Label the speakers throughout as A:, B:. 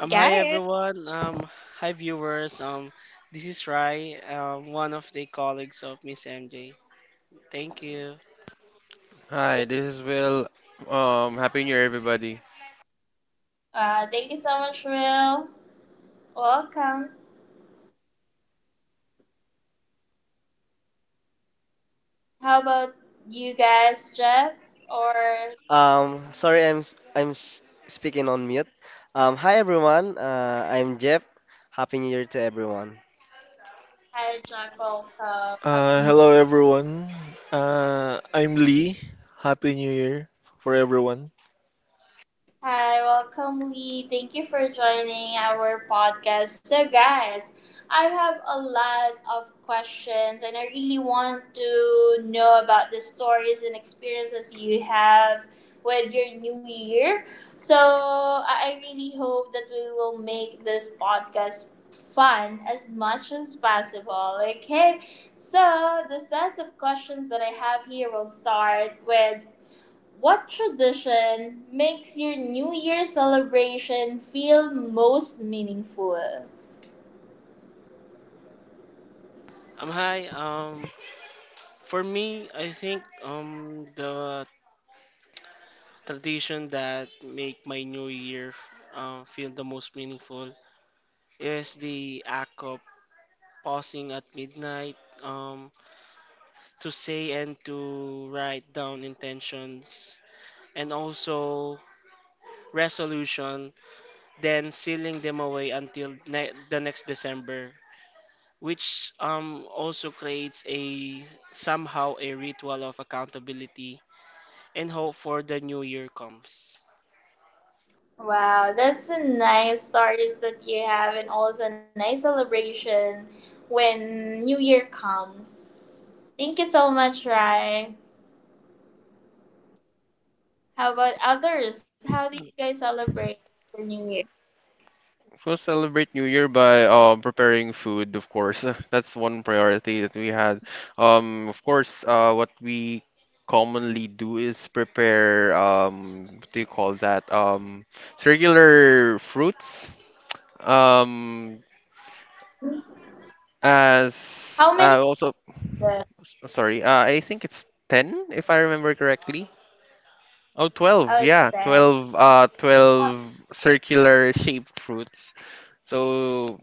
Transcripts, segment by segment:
A: Hi everyone. Hi viewers. This is Rai, one of the colleagues of Miss MJ. Thank you.
B: Hi, this is Will. Happy New Year, everybody.
C: Sorry, I'm speaking on mute. Hi everyone. I'm Jeff. Happy New Year to everyone.
D: Hello everyone. I'm Lee. Happy New Year for everyone.
A: Hi. For me, I think the tradition that make my new year feel the most meaningful is the act of pausing at midnight to say and to write down intentions and also resolution, then sealing them away until the next December, which also creates a somehow a ritual of accountability and hope for the new year comes.
B: We'll celebrate New Year by preparing food, of course. That's one priority that we had. Of course, what we commonly do is prepare, what do you call that? Circular fruits. Um, as also, sorry, I think it's 10, if I remember correctly. Oh, 12. Yeah, 12, 12 circular shaped fruits. So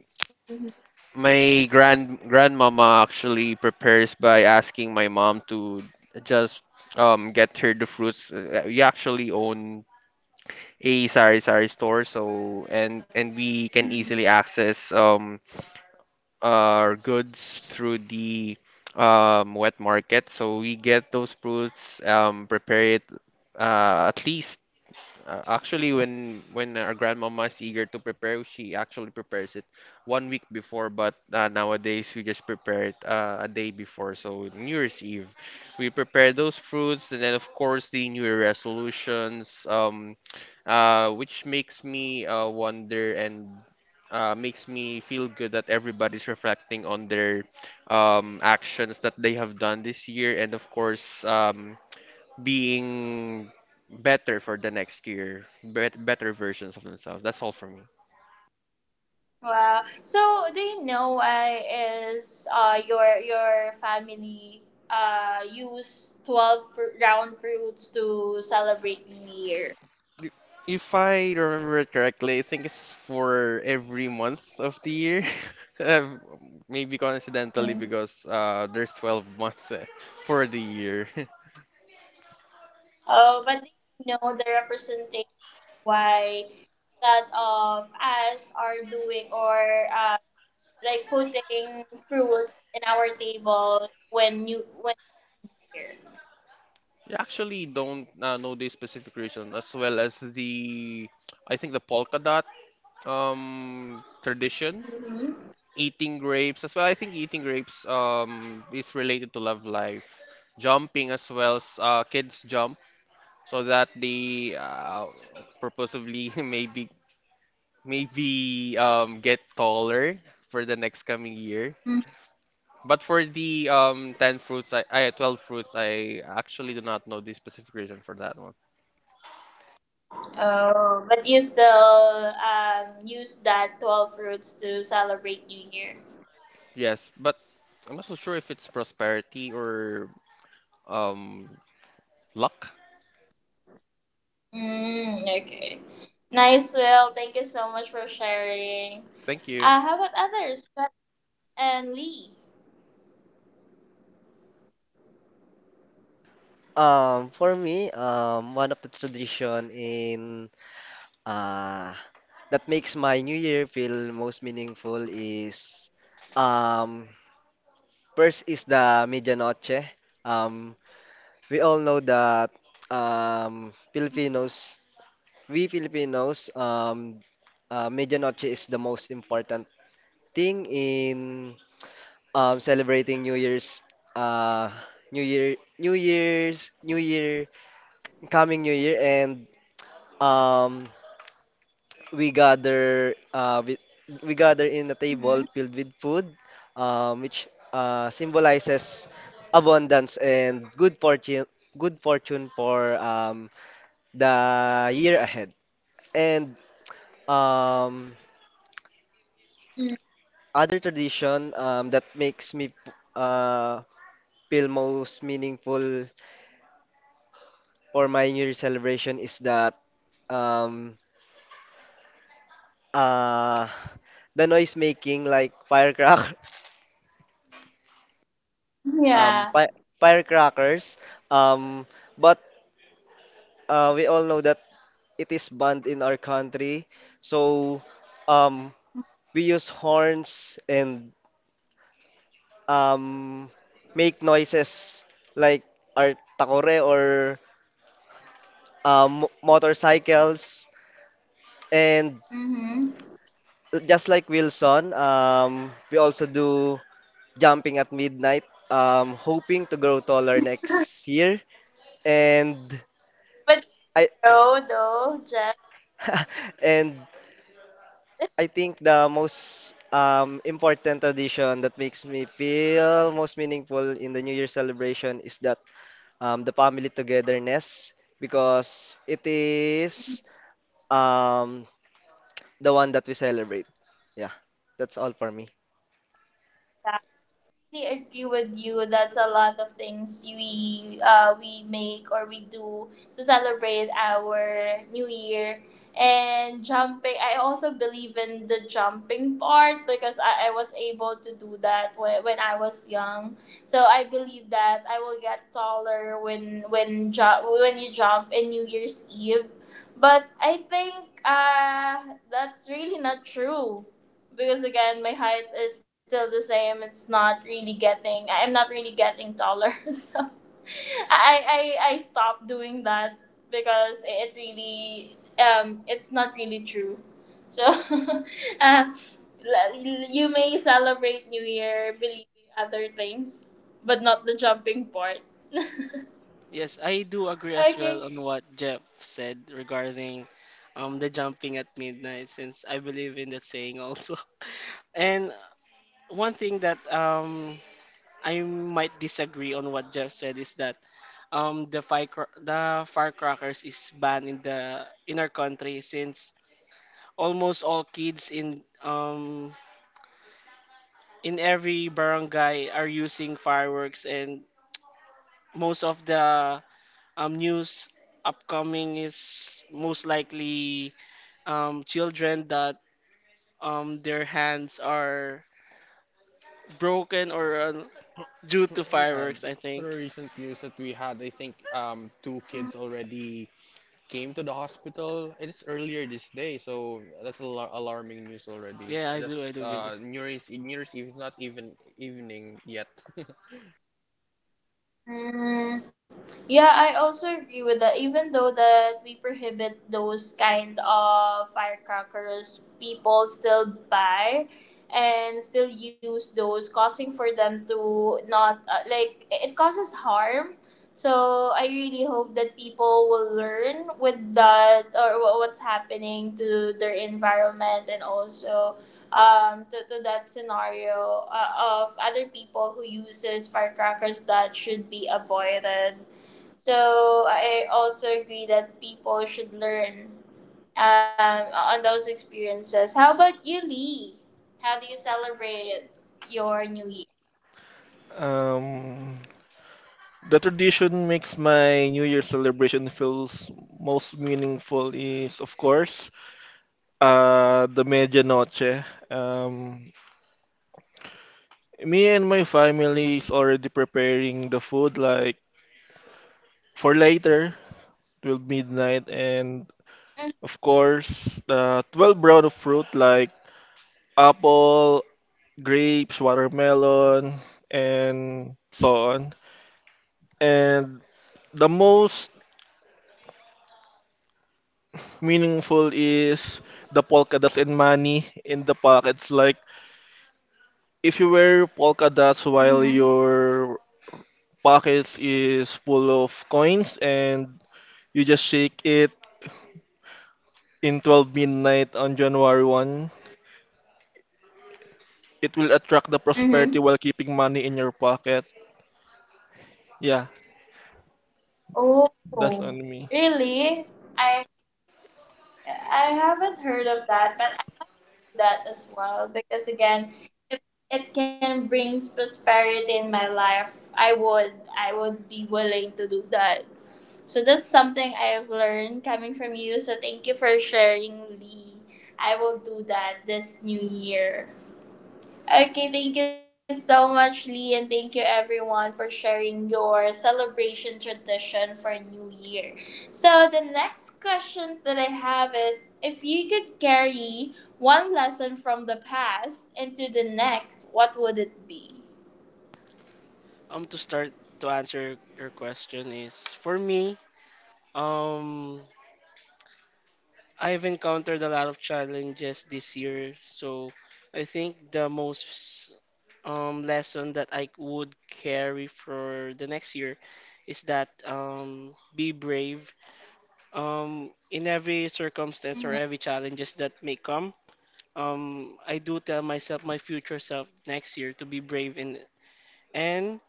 B: my grandmama actually prepares by asking my mom to just get her the fruits. We actually own a sari sari store, so and we can easily access our goods through the wet market. So we get those fruits, prepare it at least actually, when our grandmama is eager to prepare, she actually prepares it 1 week before. But nowadays, we just prepare it a day before. So New Year's Eve, we prepare those fruits, and then of course the New Year resolutions, which makes me wonder and makes me feel good that everybody's reflecting on their actions that they have done this year, and of course. Being better for the next year, better versions of themselves. That's all for me. If I remember it correctly, I think it's for every month of the year. Uh, Maybe coincidentally because there's 12 months for the year. Yeah, actually don't know the specific reason as well as the I think the polka dot tradition, eating grapes as well. I think eating grapes is related to love life. Jumping as well, kids jump so that they purposefully maybe get taller for the next coming year. But for the 10 fruits, I 12 fruits, I actually do not know the specific reason for that one. Yes, but I'm not so sure if it's prosperity or um luck. Thank you.
C: For me, one of the tradition in uh that makes my New Year feel most meaningful is um first is the medianoche. Um, we all know that Filipinos, we Filipinos, medianoche is the most important thing in celebrating New Year's uh New Year New Year's New Year coming New Year and um we gather we gather in a table filled with food which symbolizes abundance and good fortune for the year ahead, and um other tradition that makes me uh feel most meaningful for my New Year celebration is that um uh the noise making like firecracker fi firecrackers. Um but we all know that it is banned in our country, so um we use horns and um make noises like our takore or motorcycles, and just like Wilson, we also do jumping at midnight. Hoping to grow taller next year. And I and I think the most important tradition that makes me feel most meaningful in the New Year celebration is that the family togetherness, because it is um, the one that we celebrate. Yeah, that's all for me.
A: Yes, I do agree as well on what Jeff said regarding the jumping at midnight, since I believe in that saying also. And one thing that I might disagree on what Jeff said is that the firecr- the firecrackers is banned in the in our country, since almost all kids in every barangay are using fireworks, and most of the news upcoming is most likely children that their hands are broken or due to
B: Yeah,
A: fireworks, I think.
B: through recent years that we had, I think two kids already came to the hospital. It's earlier this day, so that's al alarming news already.
A: Yeah, I do. I
B: Just
A: do believe.
B: New Year's Eve is not even evening yet.
D: Um, the tradition makes my New Year celebration feels most meaningful is, of course, the medianoche. Um, Me and my family is already preparing the food like for later, 12 midnight, and of course, the 12 brown of fruit like apple, grapes, watermelon, and so on. And the most meaningful is the polka dots and money in the pockets. Like if you wear polka dots while your pockets is full of coins and you just shake it in 12 midnight on January 1st, it will attract the prosperity while keeping money in your pocket. Yeah, that's on me.
A: To start to answer your question is for me. Um, I've encountered a lot of challenges this year, so I think the most lesson that I would carry for the next year is that be brave in every circumstance or every challenges that may come. I do tell myself, my future self, next year to be brave in and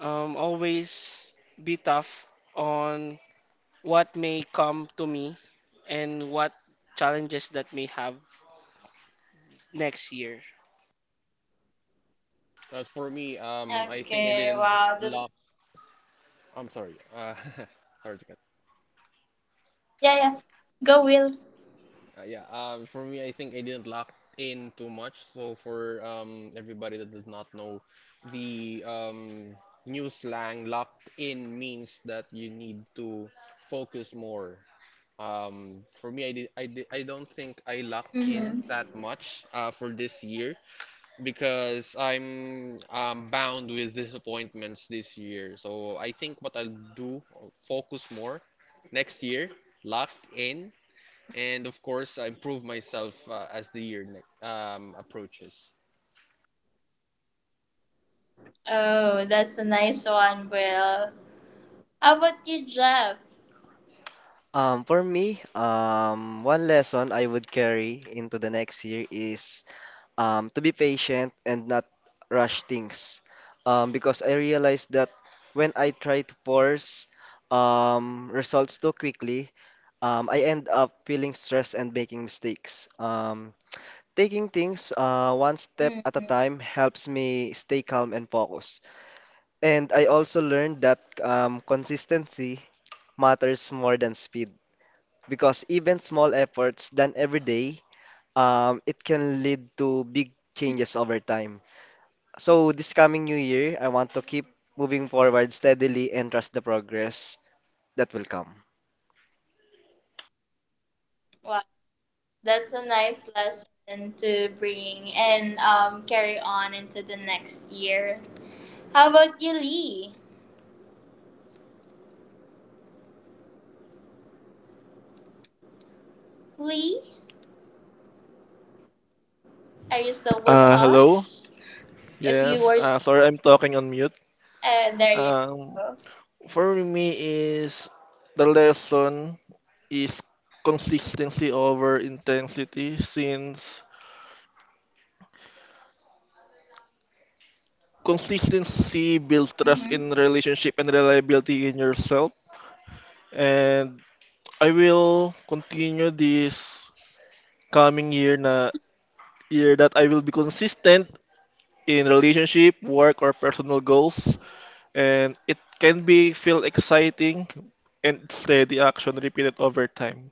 A: always be tough on what may come to me and what challenges that may have next year.
B: As for me, I think I didn't lock. I'm sorry. Sorry to cut. Yeah, for me, I think I didn't lock in too much. So for everybody that does not know, the new slang locked in means that you need to focus more. For me, I don't think I locked in that much for this year because I'm bound with disappointments this year. So I think what I'll do, I'll focus more next year, locked in, and of course I improve myself as the year approaches.
C: For me, one lesson I would carry into the next year is to be patient and not rush things. Because I realized that when I try to force results too quickly, I end up feeling stressed and making mistakes. Taking things one step at a time helps me stay calm and focused. And I also learned that consistency matters more than speed, because even small efforts done every day, it can lead to big changes over time. So this coming new year, I want to keep moving forward steadily and trust the progress that will come.
D: Hello? Yes, sorry, I'm talking on mute. Um, For me is the lesson is consistency over intensity since consistency builds trust in relationship and reliability in yourself. And I will continue this coming year na year that I will be consistent in relationship, work or personal goals and it can be feel exciting and steady action repeated over time.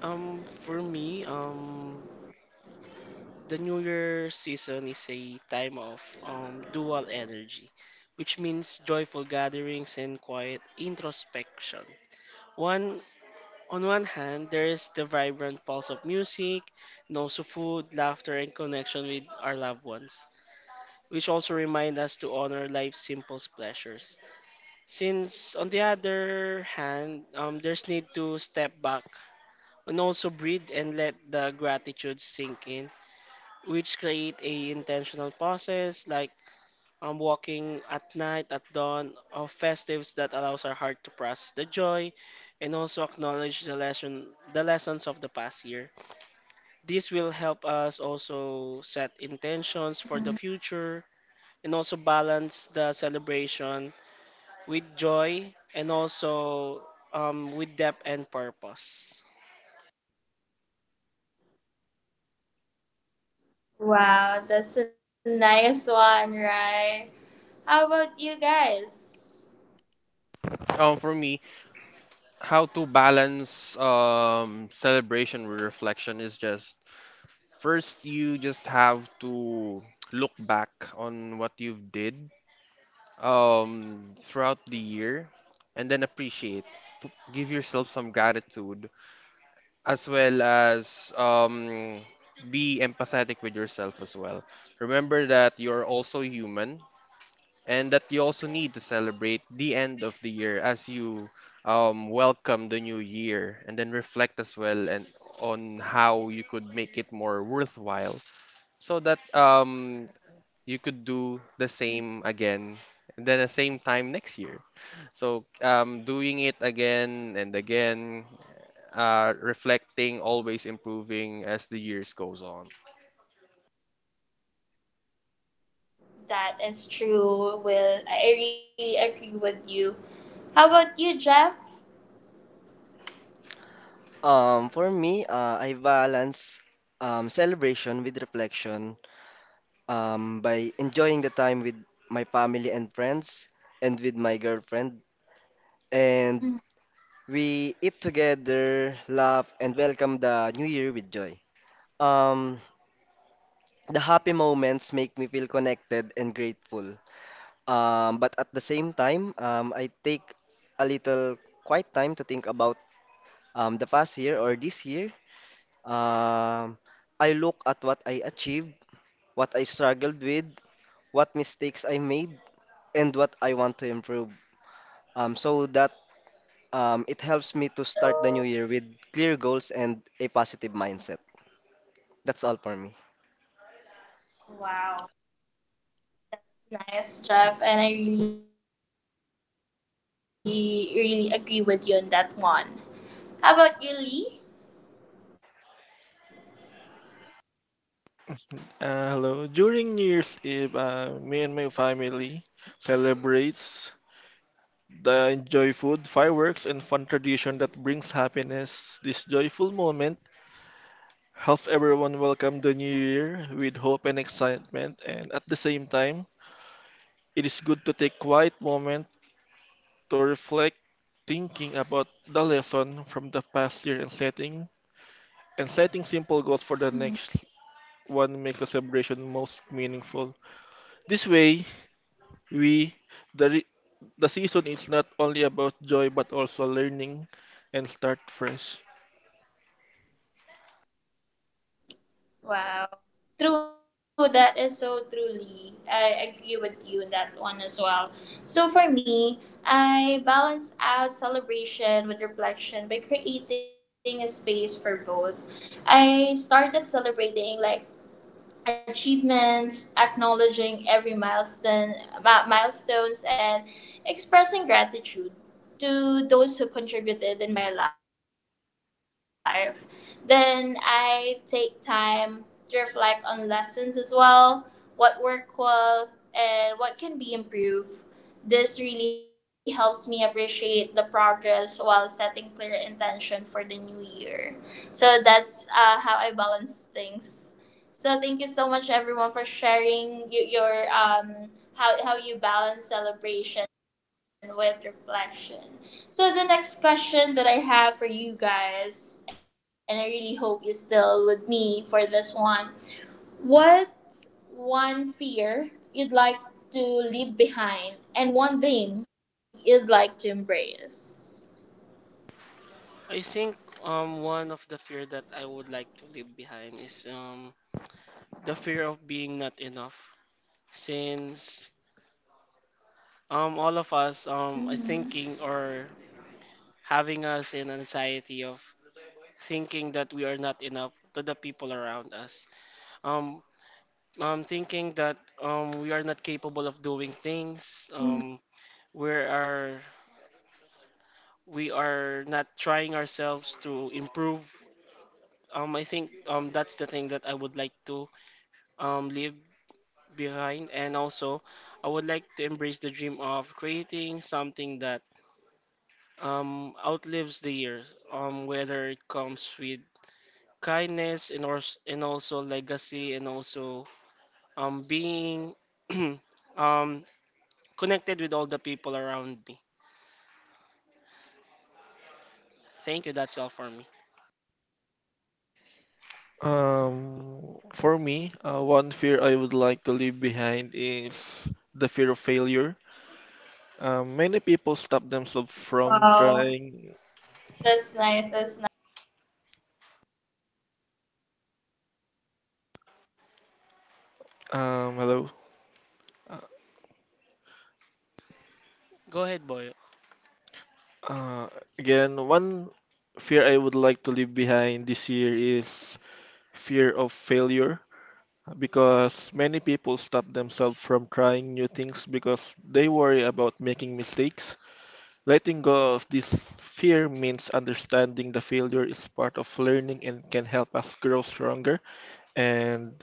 A: For me, the New Year season is a time of dual energy, which means joyful gatherings and quiet introspection. One, on one hand, there is the vibrant pulse of music, and also food, laughter, and connection with our loved ones, which also remind us to honor life's simple pleasures. Since, on the other hand, there's need to step back and also breathe and let the gratitude sink in, which create a intentional process like walking at night at dawn of festives that allows our heart to process the joy and also acknowledge the lessons of the past year. This will help us also set intentions for the future and also balance the celebration with joy and also with depth and purpose.
B: For me, how to balance celebration with reflection is just, first you just have to look back on what you've did throughout the year, and then appreciate, give yourself some gratitude, as well as be empathetic with yourself as well. Remember that you're also human and that you also need to celebrate the end of the year as you welcome the new year, and then reflect as well, and on how you could make it more worthwhile, so that you could do the same again, and then the same time next year. So doing it again and again, reflecting, always improving as the years goes on.
C: For me, I balance celebration with reflection by enjoying the time with my family and friends and with my girlfriend. And we eat together, laugh, and welcome the new year with joy. Um, the happy moments make me feel connected and grateful. But at the same time, I take a little quiet time to think about the past year or this year. Um, I look at what I achieved, what I struggled with, what mistakes I made, and what I want to improve. So that it helps me to start the new year with clear goals and a positive mindset. That's all for me.
D: Hello. During New Year's Eve, me and my family celebrates the enjoy food, fireworks, and fun tradition that brings happiness. This joyful moment helps everyone welcome the new year with hope and excitement, and at the same time, it is good to take quiet moment to reflect, thinking about the lesson from the past year and setting simple goals for the next one makes the celebration most meaningful. This way, We, the, re- the season is not only about joy but also learning and start fresh.
A: I think one of the fear that I would like to leave behind is the fear of being not enough, since all of us are thinking or having us in anxiety of thinking that we are not enough to the people around us, um thinking that we are not capable of doing things, we are we are not trying ourselves to improve. I think that's the thing that I would like to live behind. And also, I would like to embrace the dream of creating something that outlives the years, whether it comes with kindness and, or, and also legacy and also being um, connected with all the people around me. Thank you. That's all for me.
D: One fear I would like to leave behind is the fear of failure. Many people stop themselves from trying. Hello. Uh,
A: Go ahead, Boyo.
D: uh, Again, one fear I would like to leave behind this year is fear of failure. Because many people stop themselves from trying new things because they worry about making mistakes. Letting go of this fear means understanding the failure is part of learning and can help us grow stronger. And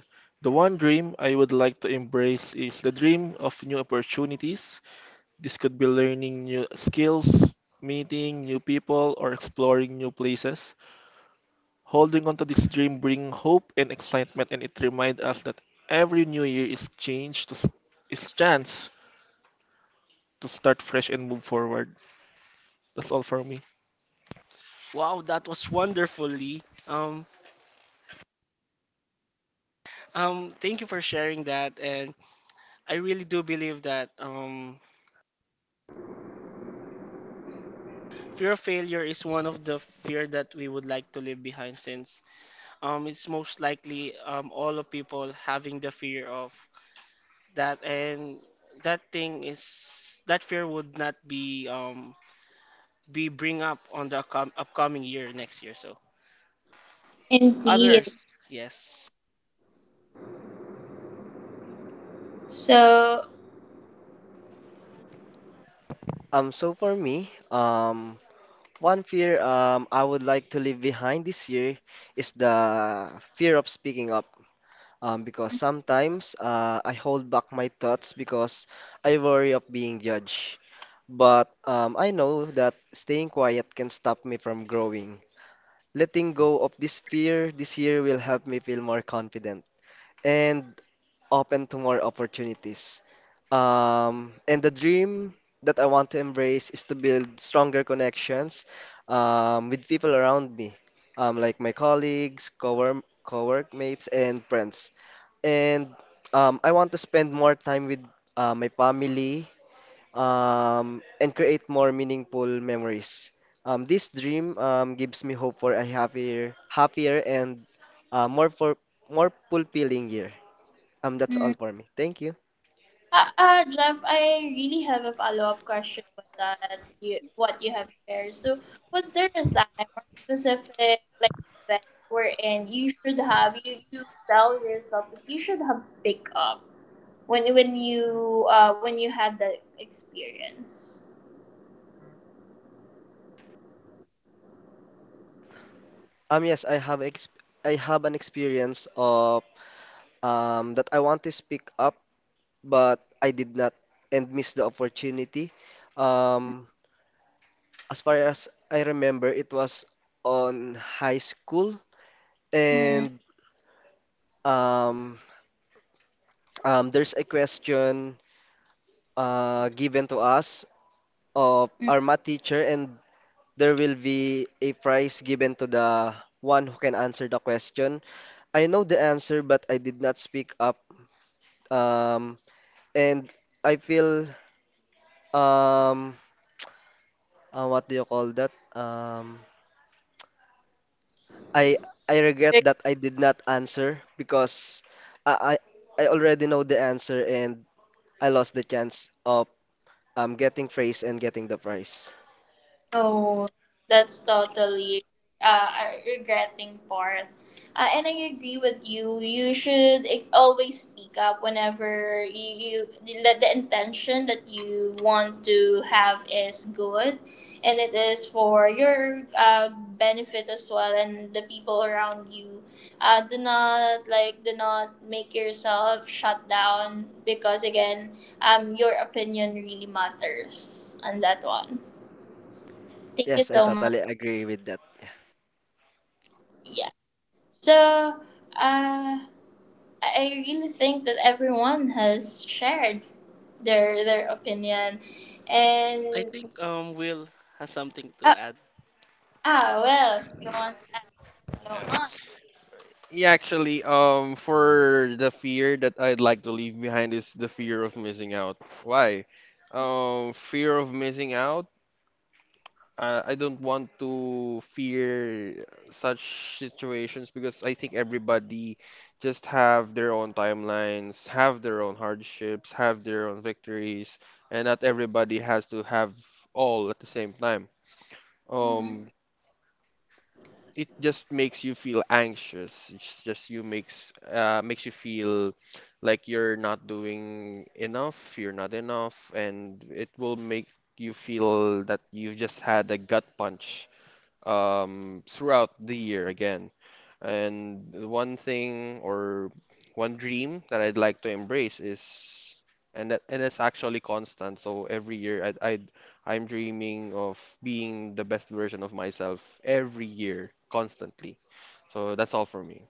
D: the one dream I would like to embrace is the dream of new opportunities. This could be learning new skills, meeting new people, or exploring new places. Holding on to this dream brings hope and excitement and it reminds us that every new year is is chance to start fresh and move forward. That's all for me.
A: Wow, that was wonderful, Lee. Um, thank you for sharing that, and I really do believe that fear of failure is one of the fear that we would like to leave behind, since it's most likely all of people having the fear of that, and that thing is that fear would not be be bring up on the upcoming year next year, so others, yes.
C: So for me, one fear I would like to leave behind this year is the fear of speaking up. Because sometimes I hold back my thoughts because I worry of being judged. But I know that staying quiet can stop me from growing. Letting go of this fear this year will help me feel more confident and open to more opportunities. And the dream that I want to embrace is to build stronger connections with people around me, like my colleagues, coworkmates, and friends, and I want to spend more time with my family and create more meaningful memories. This dream gives me hope for a happier and uh, more for more fulfilling year. That's all for me. Thank you. Yes, I have an experience of that I want to speak up, but I did not and missed the opportunity. Um, As far as I remember, it was on high school, and um, there's a question given to us of our math teacher, and there will be a prize given to the one who can answer the question. I know the answer, but I did not speak up, um, and I feel um, what do you call that? I I regret that I did not answer, because I I, I already know the answer and I lost the chance of getting praise and getting the prize. Yes, I totally agree with that.
A: I think Will has something to add.
B: Yeah, actually, for the fear that I'd like to leave behind is the fear of missing out. Why? Fear of missing out. I don't want to fear such situations because I think everybody just have their own timelines, have their own hardships, have their own victories, and not everybody has to have all at the same time. Um, it just makes you feel anxious. It's just you makes makes you feel like you're not doing enough, you're not enough, and it will make you feel that you've just had a gut punch throughout the year again. And one thing or one dream that I'd like to embrace is, and that and it's actually constant. So every year I'm dreaming of being the best version of myself every year, constantly. So that's all for me.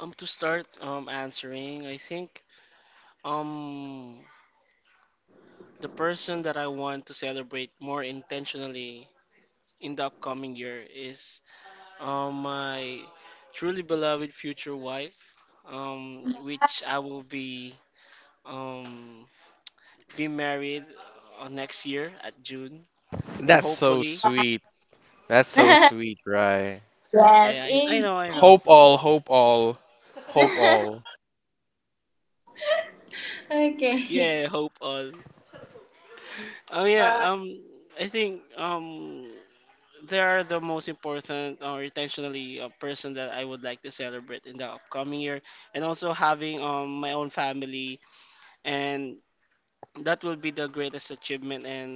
A: To start answering, I think um the person that I want to celebrate more intentionally in the upcoming year is my truly beloved future wife, which I will um, be married next year at June, and
B: That's so
A: hopefully,
B: sweet. That's so sweet, right?
A: yeah, I know,
B: Hope all, hope all, hope all.
A: yeah, hope all. Oh yeah, I think they are the most important or intentionally person that I would like to celebrate in the upcoming year, and also having my own family, and that will be the greatest achievement and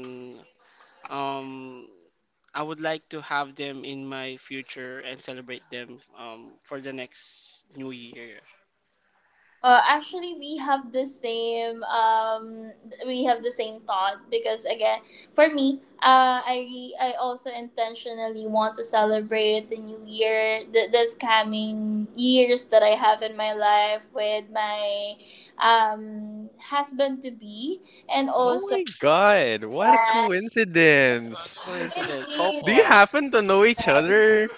A: Um, I would like to have them in my future and celebrate them for the next new year.
B: Oh my God, what a coincidence.
A: Coincidence. Hope
B: Do you
A: all.
B: happen to know each other?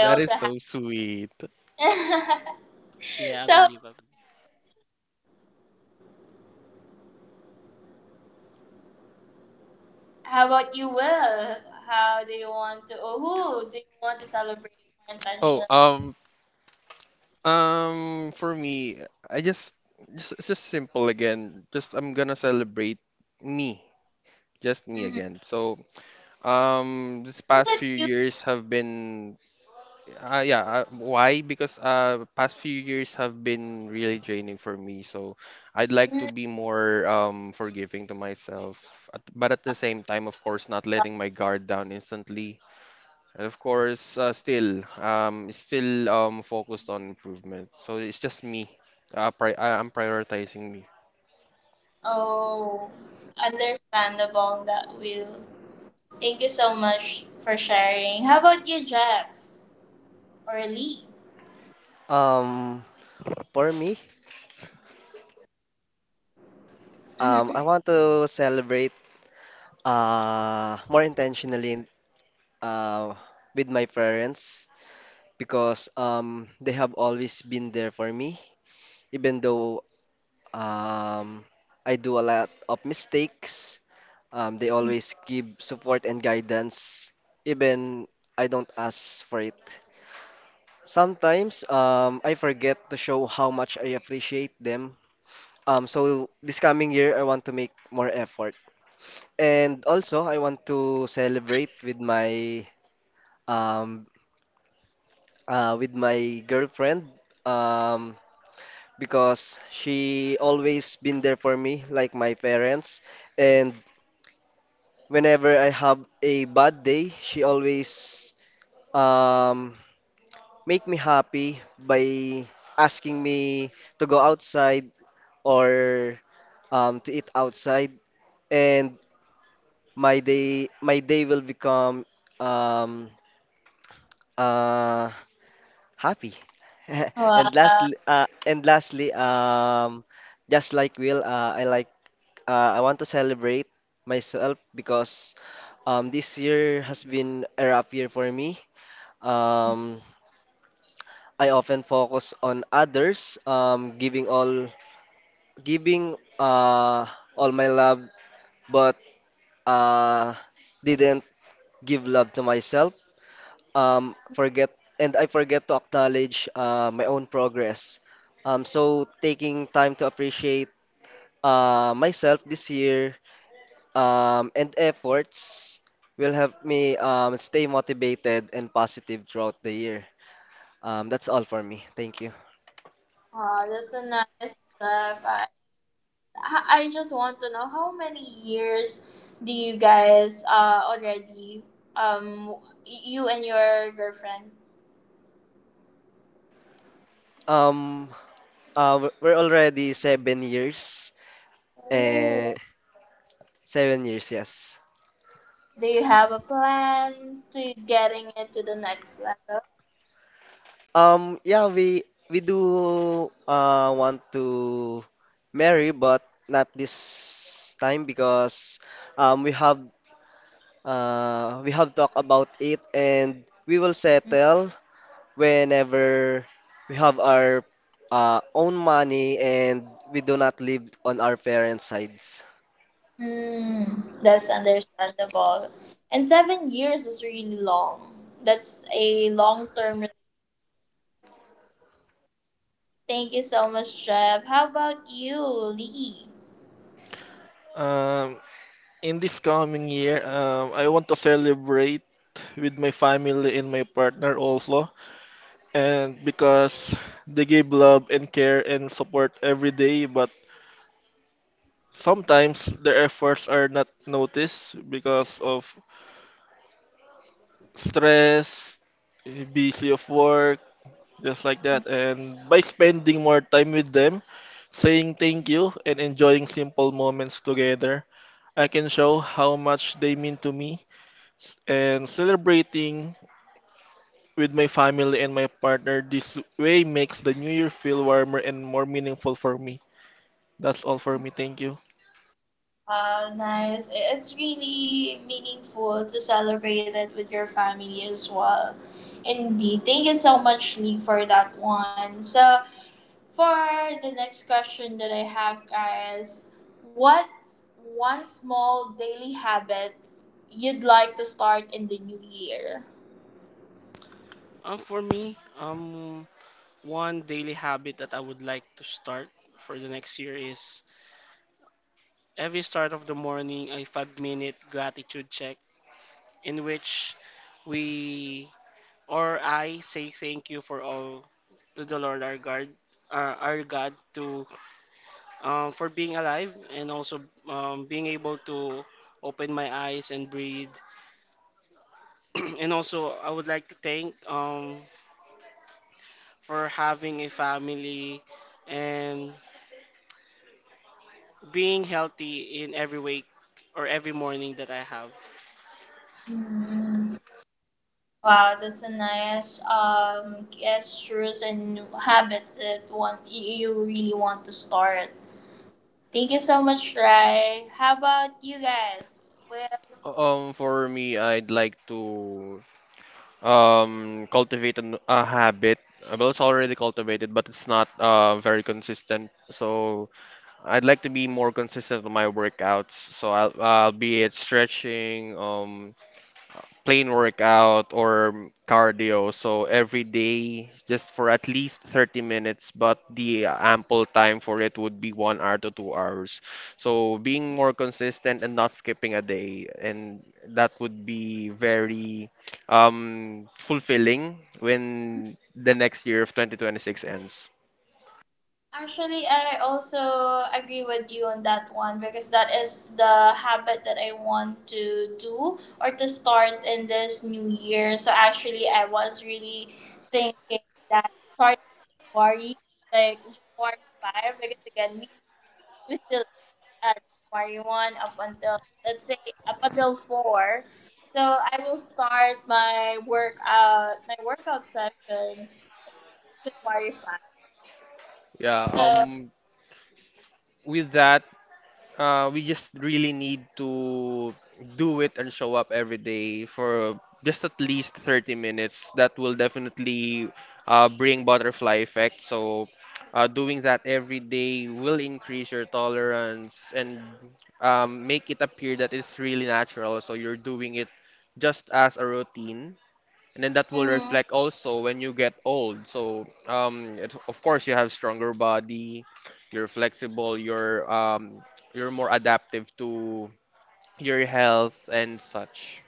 B: That is so sweet.
A: Yeah, I believe. I believe.
B: Oh, for me, I just, it's just simple again. Just I'm gonna celebrate me, just me again. So, this past few years have been, yeah, why? Because past few years have been really draining for me. So, I'd like to be more forgiving to myself, but at the same time, of course, not letting my guard down instantly. And of course, still, focused on improvement. So it's just me. I'm prioritizing me.
C: Um, for me, I want to celebrate more intentionally uh with my parents, because they have always been there for me, even though um I do a lot of mistakes. They always give support and guidance, even I don't ask for it. Sometimes I forget to show how much I appreciate them. So this coming year, I want to make more effort. And also, I want to celebrate um, with my girlfriend, um, because she always been there for me, like my parents. And whenever I have a bad day, she always um, make me happy by asking me to go outside or to eat outside, and my day will become um, uh, happy. And lastly, just like Will, I want to celebrate myself because this year has been a rough year for me. Um, I often focus on others, giving all my love, but uh, didn't give love to myself. Forget and I forget to acknowledge my own progress. So taking time to appreciate myself this year and efforts will help me stay motivated and positive throughout the year. That's all for me. Thank you. Um, we're already 7 years, and 7 years, yes. Yeah, we do want to marry, but not this time because um we have we have talked about it, and we will settle whenever we have our own money and we do not live on our parents' sides.
D: Um, in this coming year, I want to celebrate with my family and my partner also and because they give love and care and support every day but sometimes their efforts are not noticed because of stress busy of work just like that. And by spending more time with them, saying thank you, and enjoying simple moments together, I can show how much they mean to me. And celebrating with my family and my partner this way makes the new year feel warmer and more meaningful for me. That's all for me. Thank you.
A: For me, one daily habit that I would like to start for the next year is every start of the morning a five-minute gratitude check in which we or I say thank you for all to the Lord our God, to for being alive and also being able to open my eyes and breathe. And also, I would like to thank for having a family and being healthy in every week or every morning that I have.
B: For me, I'd like to cultivate a habit. Well, it's already cultivated, but it's not very consistent. So I'd like to be more consistent with my workouts. So I'll be it stretching, plain workout or cardio. So every day, just for at least 30 minutes, but the ample time for it would be 1 hour to 2 hours. So being more consistent and not skipping a day, and that would be very fulfilling when the next year of 2026 ends. Yeah, with that, we just really need to do it and show up every day for just at least 30 minutes. That will definitely bring butterfly effect. So doing that every day will increase your tolerance and make it appear that it's really natural. So you're doing it just as a routine, and then that will reflect also when you get old. So, it, of course, you have stronger body, you're flexible, you're more adaptive to your health and such.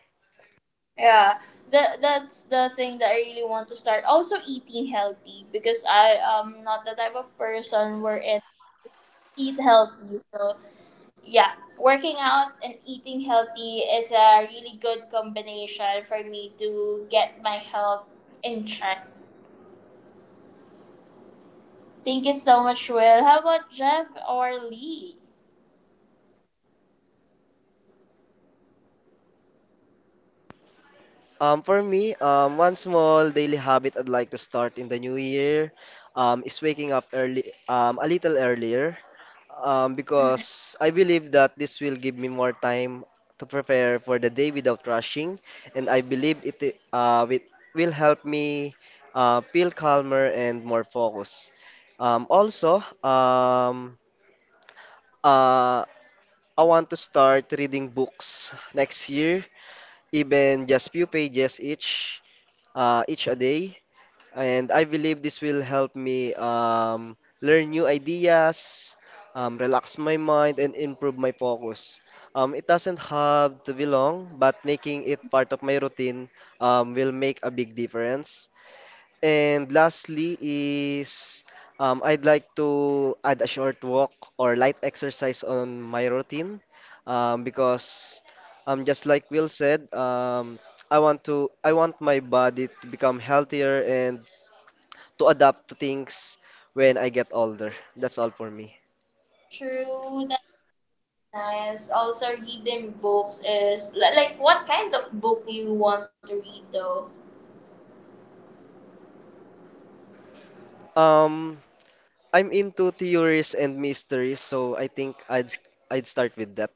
C: For me, one small daily habit I'd like to start in the new year is waking up early, a little earlier, because I believe that this will give me more time to prepare for the day without rushing, and I believe it uh, wi- will help me feel calmer and more focused. Also, uh, I want to start reading books next year, even just few pages each a day, and I believe this will help me learn new ideas, relax my mind, and improve my focus. It doesn't have to be long, but making it part of my routine will make a big difference. And lastly is I'd like to add a short walk or light exercise on my routine because just like Will said, I want my body to become healthier and to adapt to things when I get older. That's all for me. Um, I'm into theories and mysteries, so I think I'd start with that.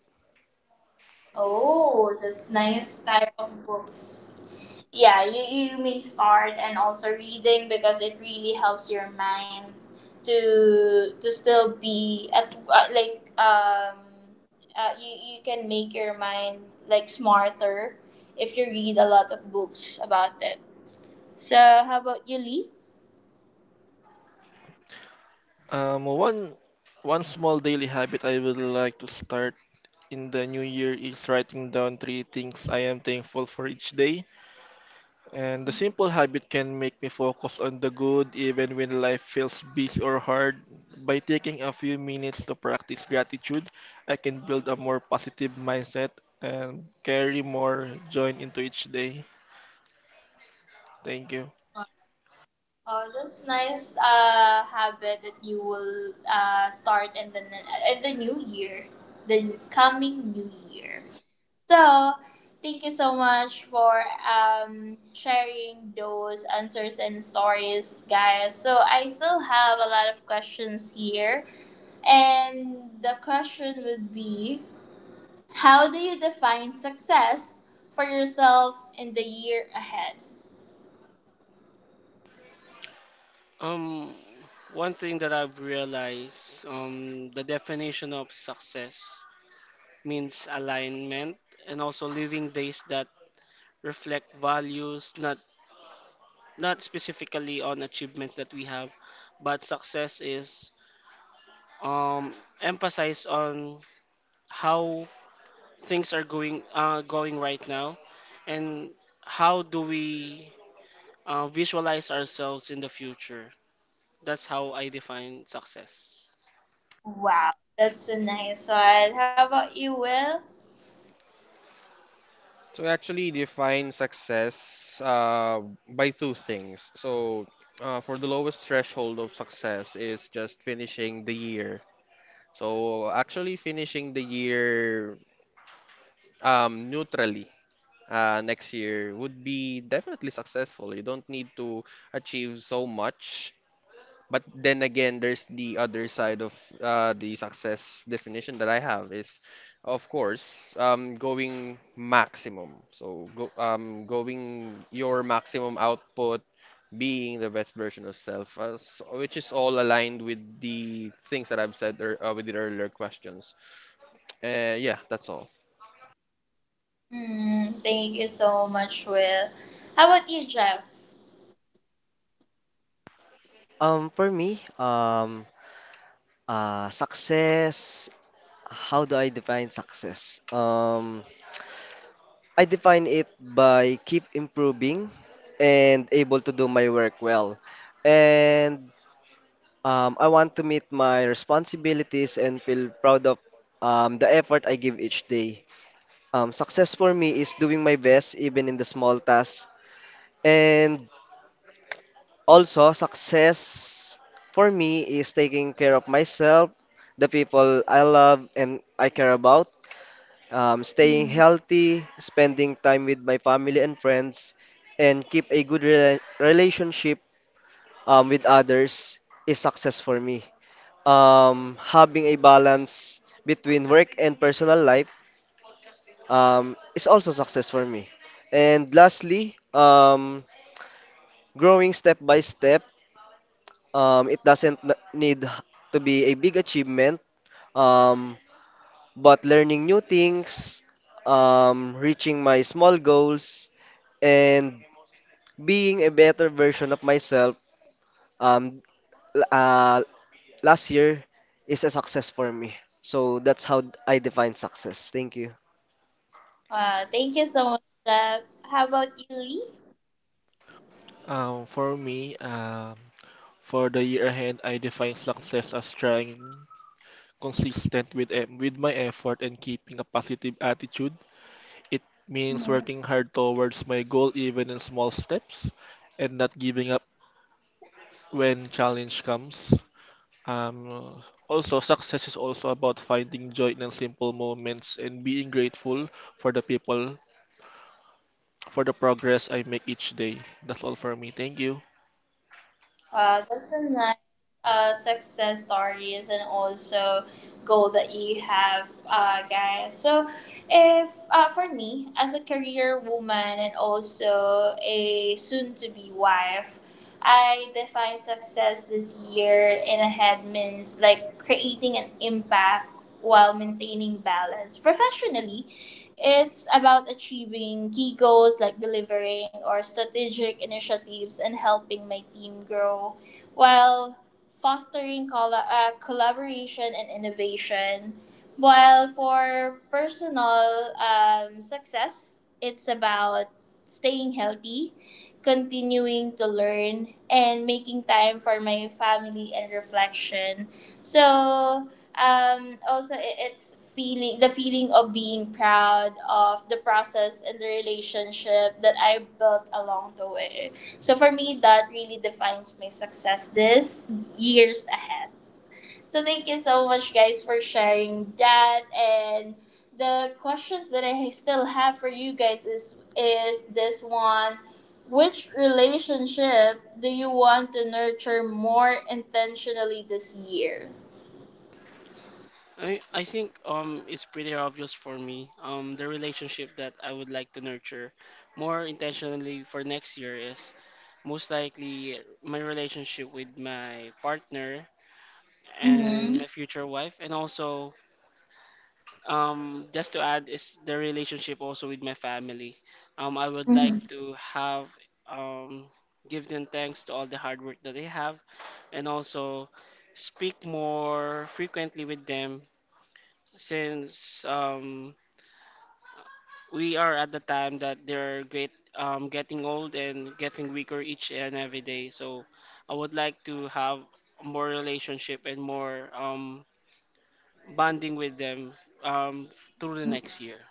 D: Um, one one small daily habit I would like to start in the new year is writing down three things I am thankful for each day. And the simple habit can make me focus on the good even when life feels busy or hard. By taking a few minutes to practice gratitude, I can build a more positive mindset and carry more joy into each day. Thank you.
A: Um, One thing that I've realized the definition of success means alignment and also living days that reflect values, not specifically on achievements that we have, but success is um, emphasized on how things are going going right now, and how do we visualize ourselves in the future. That's how I define success.
B: So, I actually define success by two things. So, for the lowest threshold of success is just finishing the year. So, actually finishing the year neutrally. Next year would be definitely successful. You don't need to achieve so much. But then again, there's the other side of the success definition that I have is, of course, going maximum. So going your maximum output, being the best version of self, which is all aligned with the things that I've said with the earlier questions. Yeah, that's all.
C: For me, success how do I define success? I define it by keep improving and able to do my work well. And I want to meet my responsibilities and feel proud of the effort I give each day. Success for me is doing my best even in the small tasks. And also, success for me is taking care of myself, the people I love and I care about, staying healthy, spending time with my family and friends, and keep a good relationship with others is success for me. Having a balance between work and personal life is also success for me. And lastly, growing step by step. It doesn't need to be a big achievement. Um, but learning new things, reaching my small goals, and being a better version of myself um, l- uh, last year is a success for me. So that's how I define success. Thank you.
D: Um, for me, um, for the year ahead, I define success as trying consistent with with my effort and keeping a positive attitude. It means working hard towards my goal even in small steps and not giving up when challenge comes. Um, Also, success is also about finding joy in simple moments and being grateful for the people, for the progress I make each day. That's all for me. Thank you.
A: I think it's pretty obvious for me. The relationship that I would like to nurture more intentionally for next year is most likely my relationship with my partner and my future wife, and also just to add is the relationship also with my family. I would like to have um give them thanks to all the hard work that they have, and also speak more frequently with them, since we are at the time that they're great getting old and getting weaker each and every day, so I would like to have more relationship and more bonding with them, um, through the next year.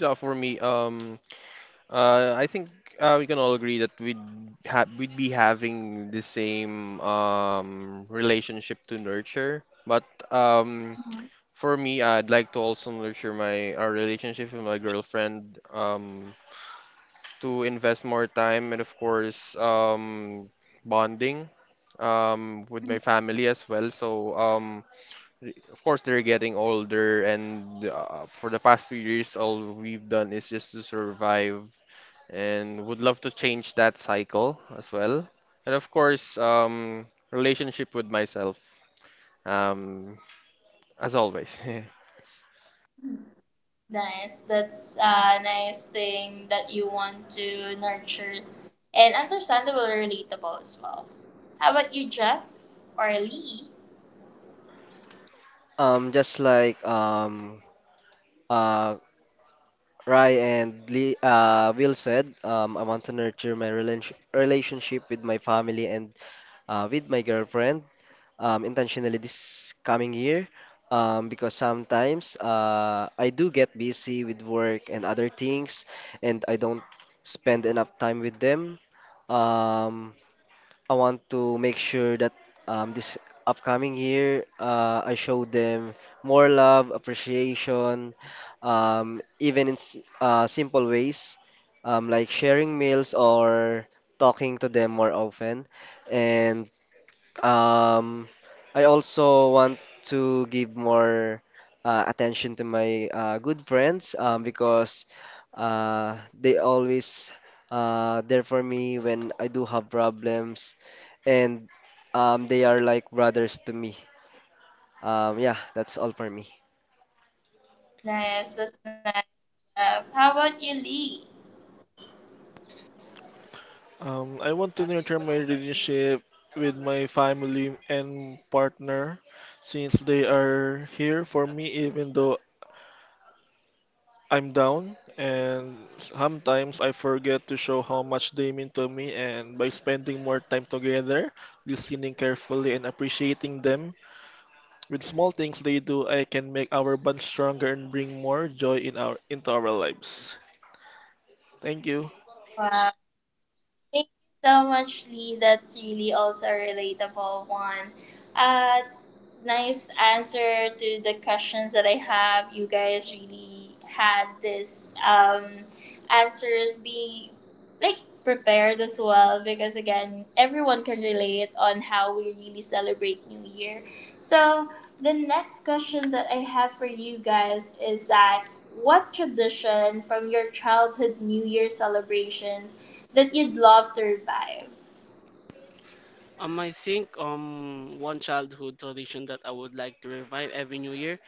B: So for me, I think we can all agree that we'd be having the same relationship to nurture. But um, for me, I'd like to also nurture my our relationship with my girlfriend, to invest more time, and of course bonding with my family as well. So of course they're getting older, and for the past few years, all we've done is just to survive, and would love to change that cycle as well. And of course, relationship with myself, um, as always.
C: Just like uh, Rai and Lee, Will said, I want to nurture my relationship with my family and with my girlfriend, intentionally this coming year, because sometimes I do get busy with work and other things, and I don't spend enough time with them. Um, I want to make sure that this upcoming year I show them more love, appreciation, even in simple ways, like sharing meals or talking to them more often. And um, I also want to give more attention to my good friends, because they always there for me when I do have problems, and they are like brothers to me. Yeah, that's all for me.
D: I want to nurture my relationship with my family and partner since they are here for me even though I'm down, and sometimes I forget to show how much they mean to me, and by spending more time together, listening carefully, and appreciating them, with small things they do, I can make our bond stronger and bring more joy in our into our lives. Thank you.
A: I think one childhood tradition that I would like to revive every new year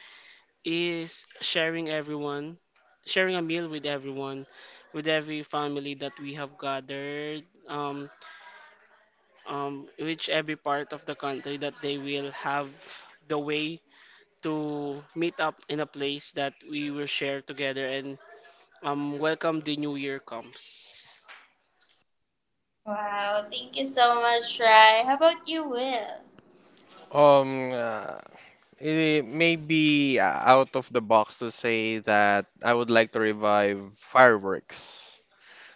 A: is sharing a meal with everyone, with every family that we have gathered, um, which every part of the country that they will have the way to meet up in a place that we will share together and welcome the new year comes.
B: Um, uh, it may be out of the box to say that I would like to revive fireworks.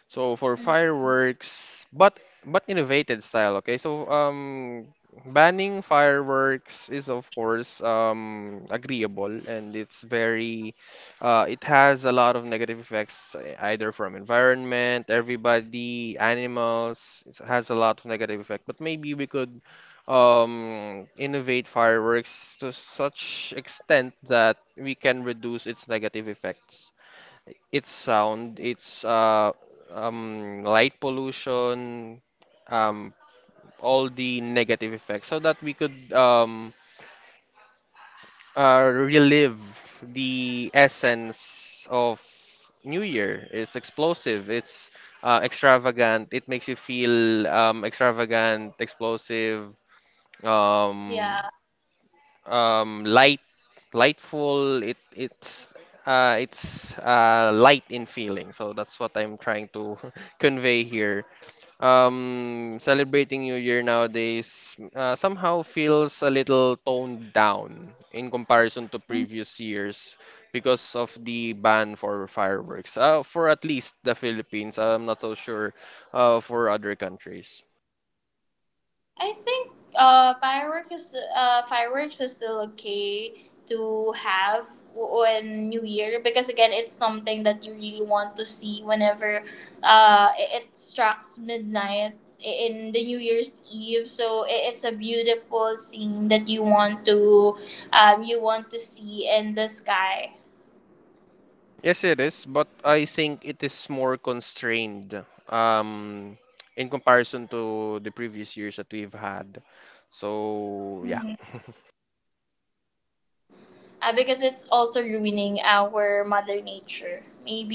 B: So for fireworks, but innovated style, okay? So banning fireworks is of course agreeable, and it has a lot of negative effects, either from environment, everybody, animals. It has a lot of negative effect, but maybe we could innovate fireworks to such extent that we can reduce its negative effects. It's sound, it's light pollution, um, all the negative effects, so that we could relive the essence of New Year. It's explosive, it's extravagant, it makes you feel extravagant, explosive. Um, light, lightful. It's light in feeling. So that's what I'm trying to convey here. Celebrating New Year nowadays somehow feels a little toned down in comparison to previous years because of the ban for fireworks. For at least the Philippines. I'm not so sure for other countries. Yes, it is, but I think it is more constrained um, in comparison to the previous years that we've had. So yeah,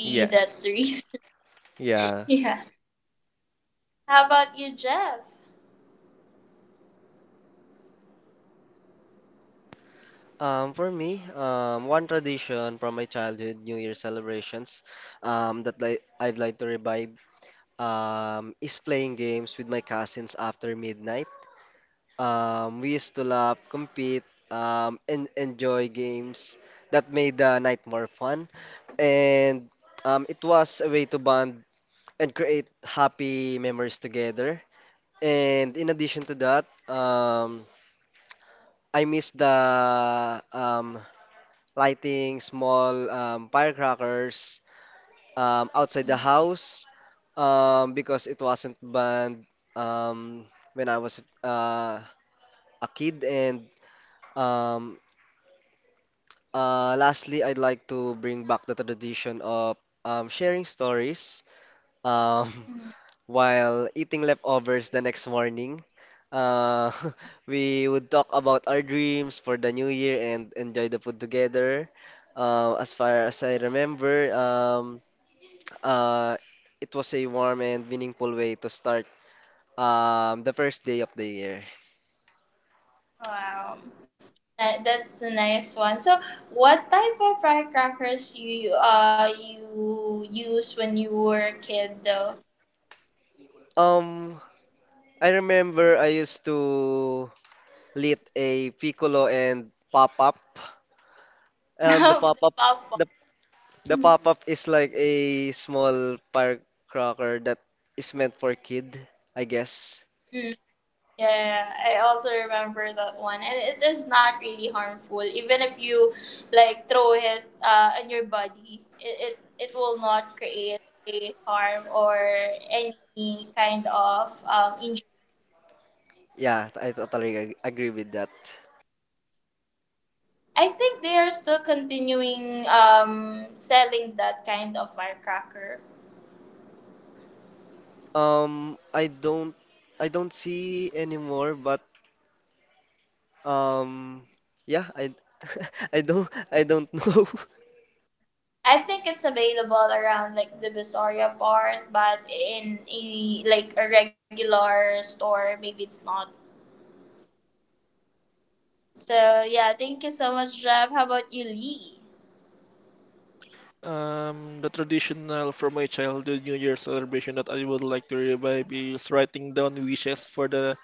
B: yes, yeah.
C: For me, one tradition from my childhood New Year celebrations that I'd like to revive is playing games with my cousins after midnight. We used to laugh, compete, and enjoy games that made the night more fun. And it was a way to bond and create happy memories together. And in addition to that, I miss the lighting small firecrackers outside the house, because it wasn't banned um, when I was a kid. And um, Uh, lastly, I'd like to bring back the tradition of sharing stories um, while eating leftovers the next morning. Uh, we would talk about our dreams for the new year and enjoy the food together. As far as I remember, uh, it was a warm and meaningful way to start the first day of the year. Um, I remember I used to lit a piccolo and pop up. Um, the pop-up, the the pop-up is like a small firecracker that is meant for kid, I guess. Yeah, I totally agree with that. Um, I don't, I don't see anymore, but um, yeah, I, I don't know.
D: The traditional from my childhood New Year celebration that I would like to revive is writing down wishes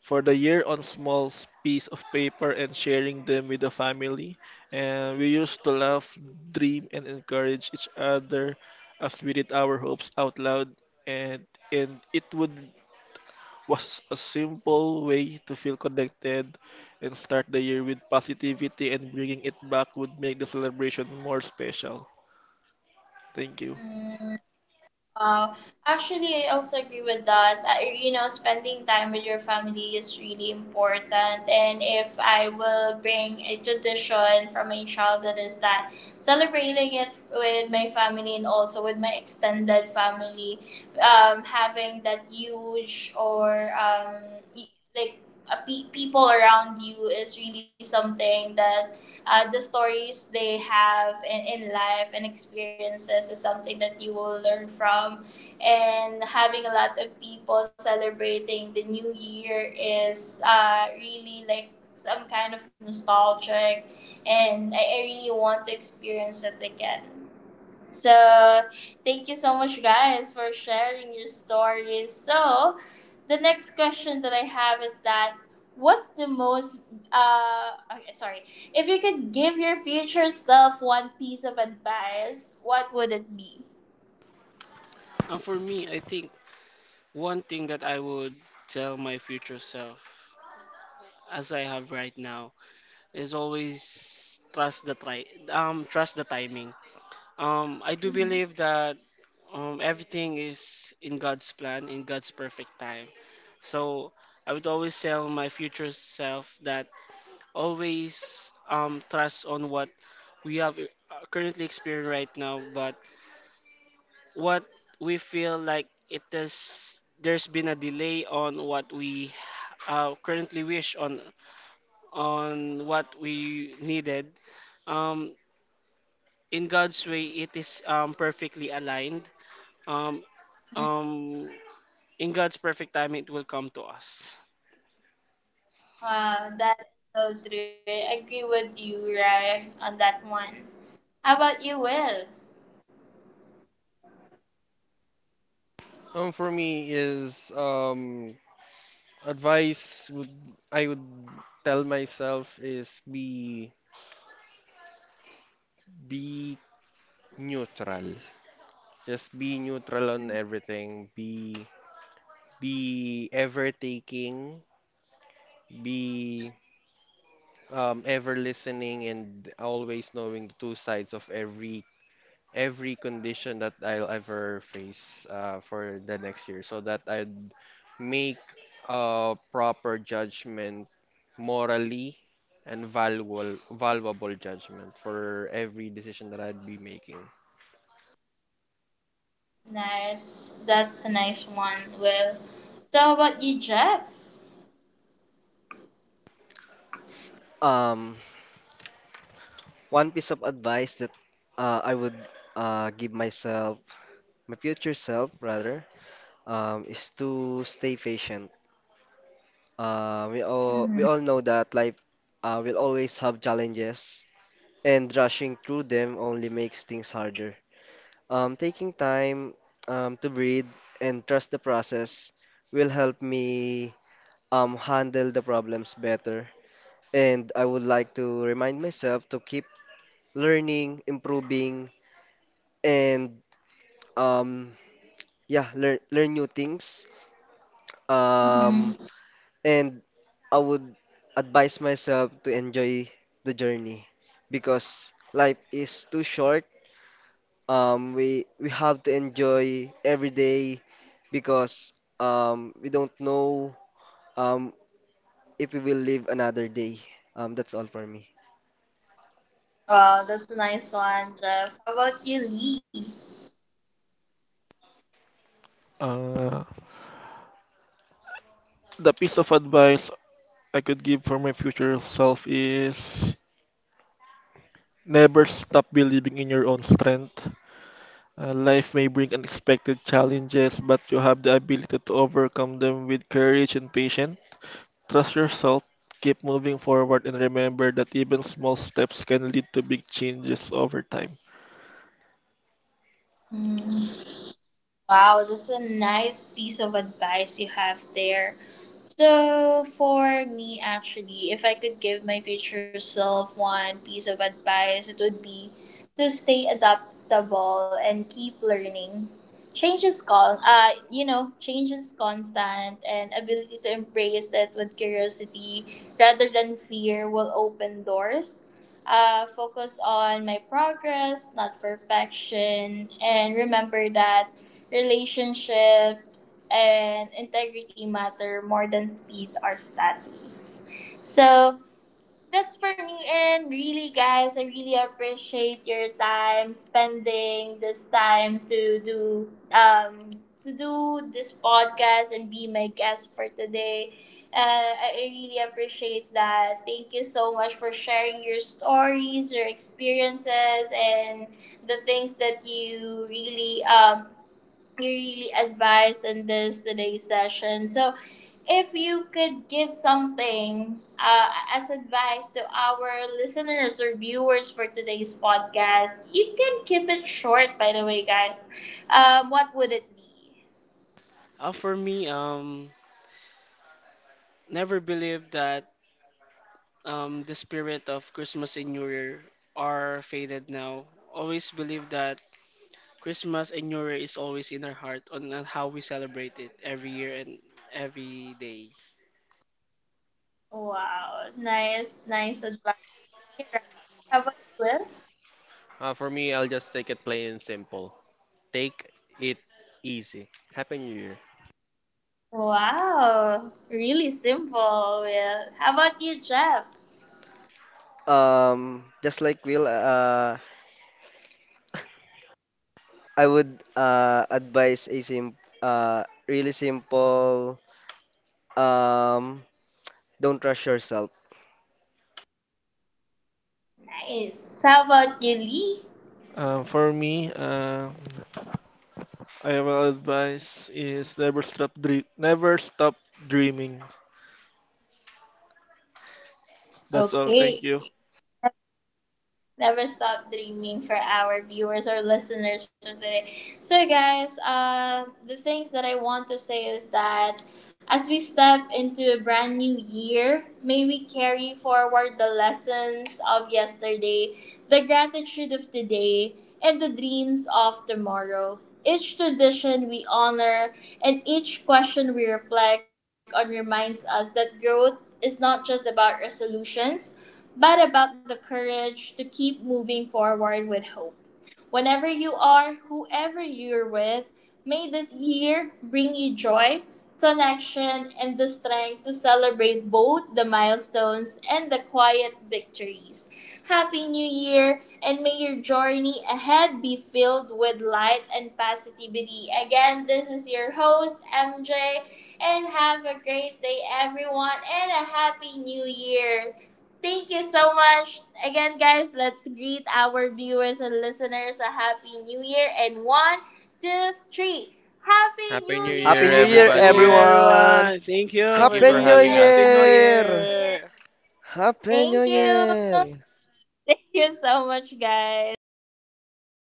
D: for the year on small piece of paper and sharing them with the family. And we used to laugh, dream, and encourage each other as we did our hopes out loud. And and it would was a simple way to feel connected and start the year with positivity and bringing it back would make the celebration more special. Thank you.
A: And for me, I think one thing that I would tell my future self, as I have right now, is always trust the tri trust the timing. I do believe that everything is in God's plan, in God's perfect time. So I would always tell my future self that always trust on what we have currently experienced right now, but what we feel like it is there's been a delay on what we currently wish on what we needed, um in God's way, it is perfectly aligned, um um in God's perfect time it will come to us.
B: For me is advice would I would tell myself is be neutral. Just be neutral on everything. Be ever taking. Be ever listening and always knowing the two sides of every condition that I'll ever face for the next year, so that I'd make a proper judgment morally, and valuable judgment for every decision that I'd be making.
C: Um, one piece of advice that I would give myself, my future self rather, is to stay patient. We all know that life will always have challenges, and rushing through them only makes things harder. Taking time to breathe and trust the process will help me handle the problems better. And I would like to remind myself to keep learning, improving, and um, yeah, learn new things. Um, And I would advise myself to enjoy the journey because life is too short. We have to enjoy every day because we don't know um, if we will live another day. That's all for me.
D: Uh, the piece of advice I could give for my future self is never stop believing in your own strength. Life may bring unexpected challenges, but you have the ability to overcome them with courage and patience. Trust yourself, keep moving forward, and remember that even small steps can lead to big changes over time.
A: For me, never believe that the spirit of Christmas and New Year are faded now. Always believe that Christmas and New Year is always in our heart on how we celebrate it every year and every day.
B: For me, I'll just take it plain and simple. Take it easy. Happy New Year.
C: Just like Will, I would advise a sim really simple, um, don't rush yourself.
D: Uh, for me, uh, I will advise is never stop dreaming. That's all. Thank you.
B: Happy New Year,
C: Happy New Year,
A: Happy New Year,
B: everybody.
C: everyone!
A: everyone! Thank you
B: Thank you
A: for
B: for
C: Happy New
B: having
A: joining. Happy
B: us.
A: New
C: Year!
A: Year!
C: Happy New Year!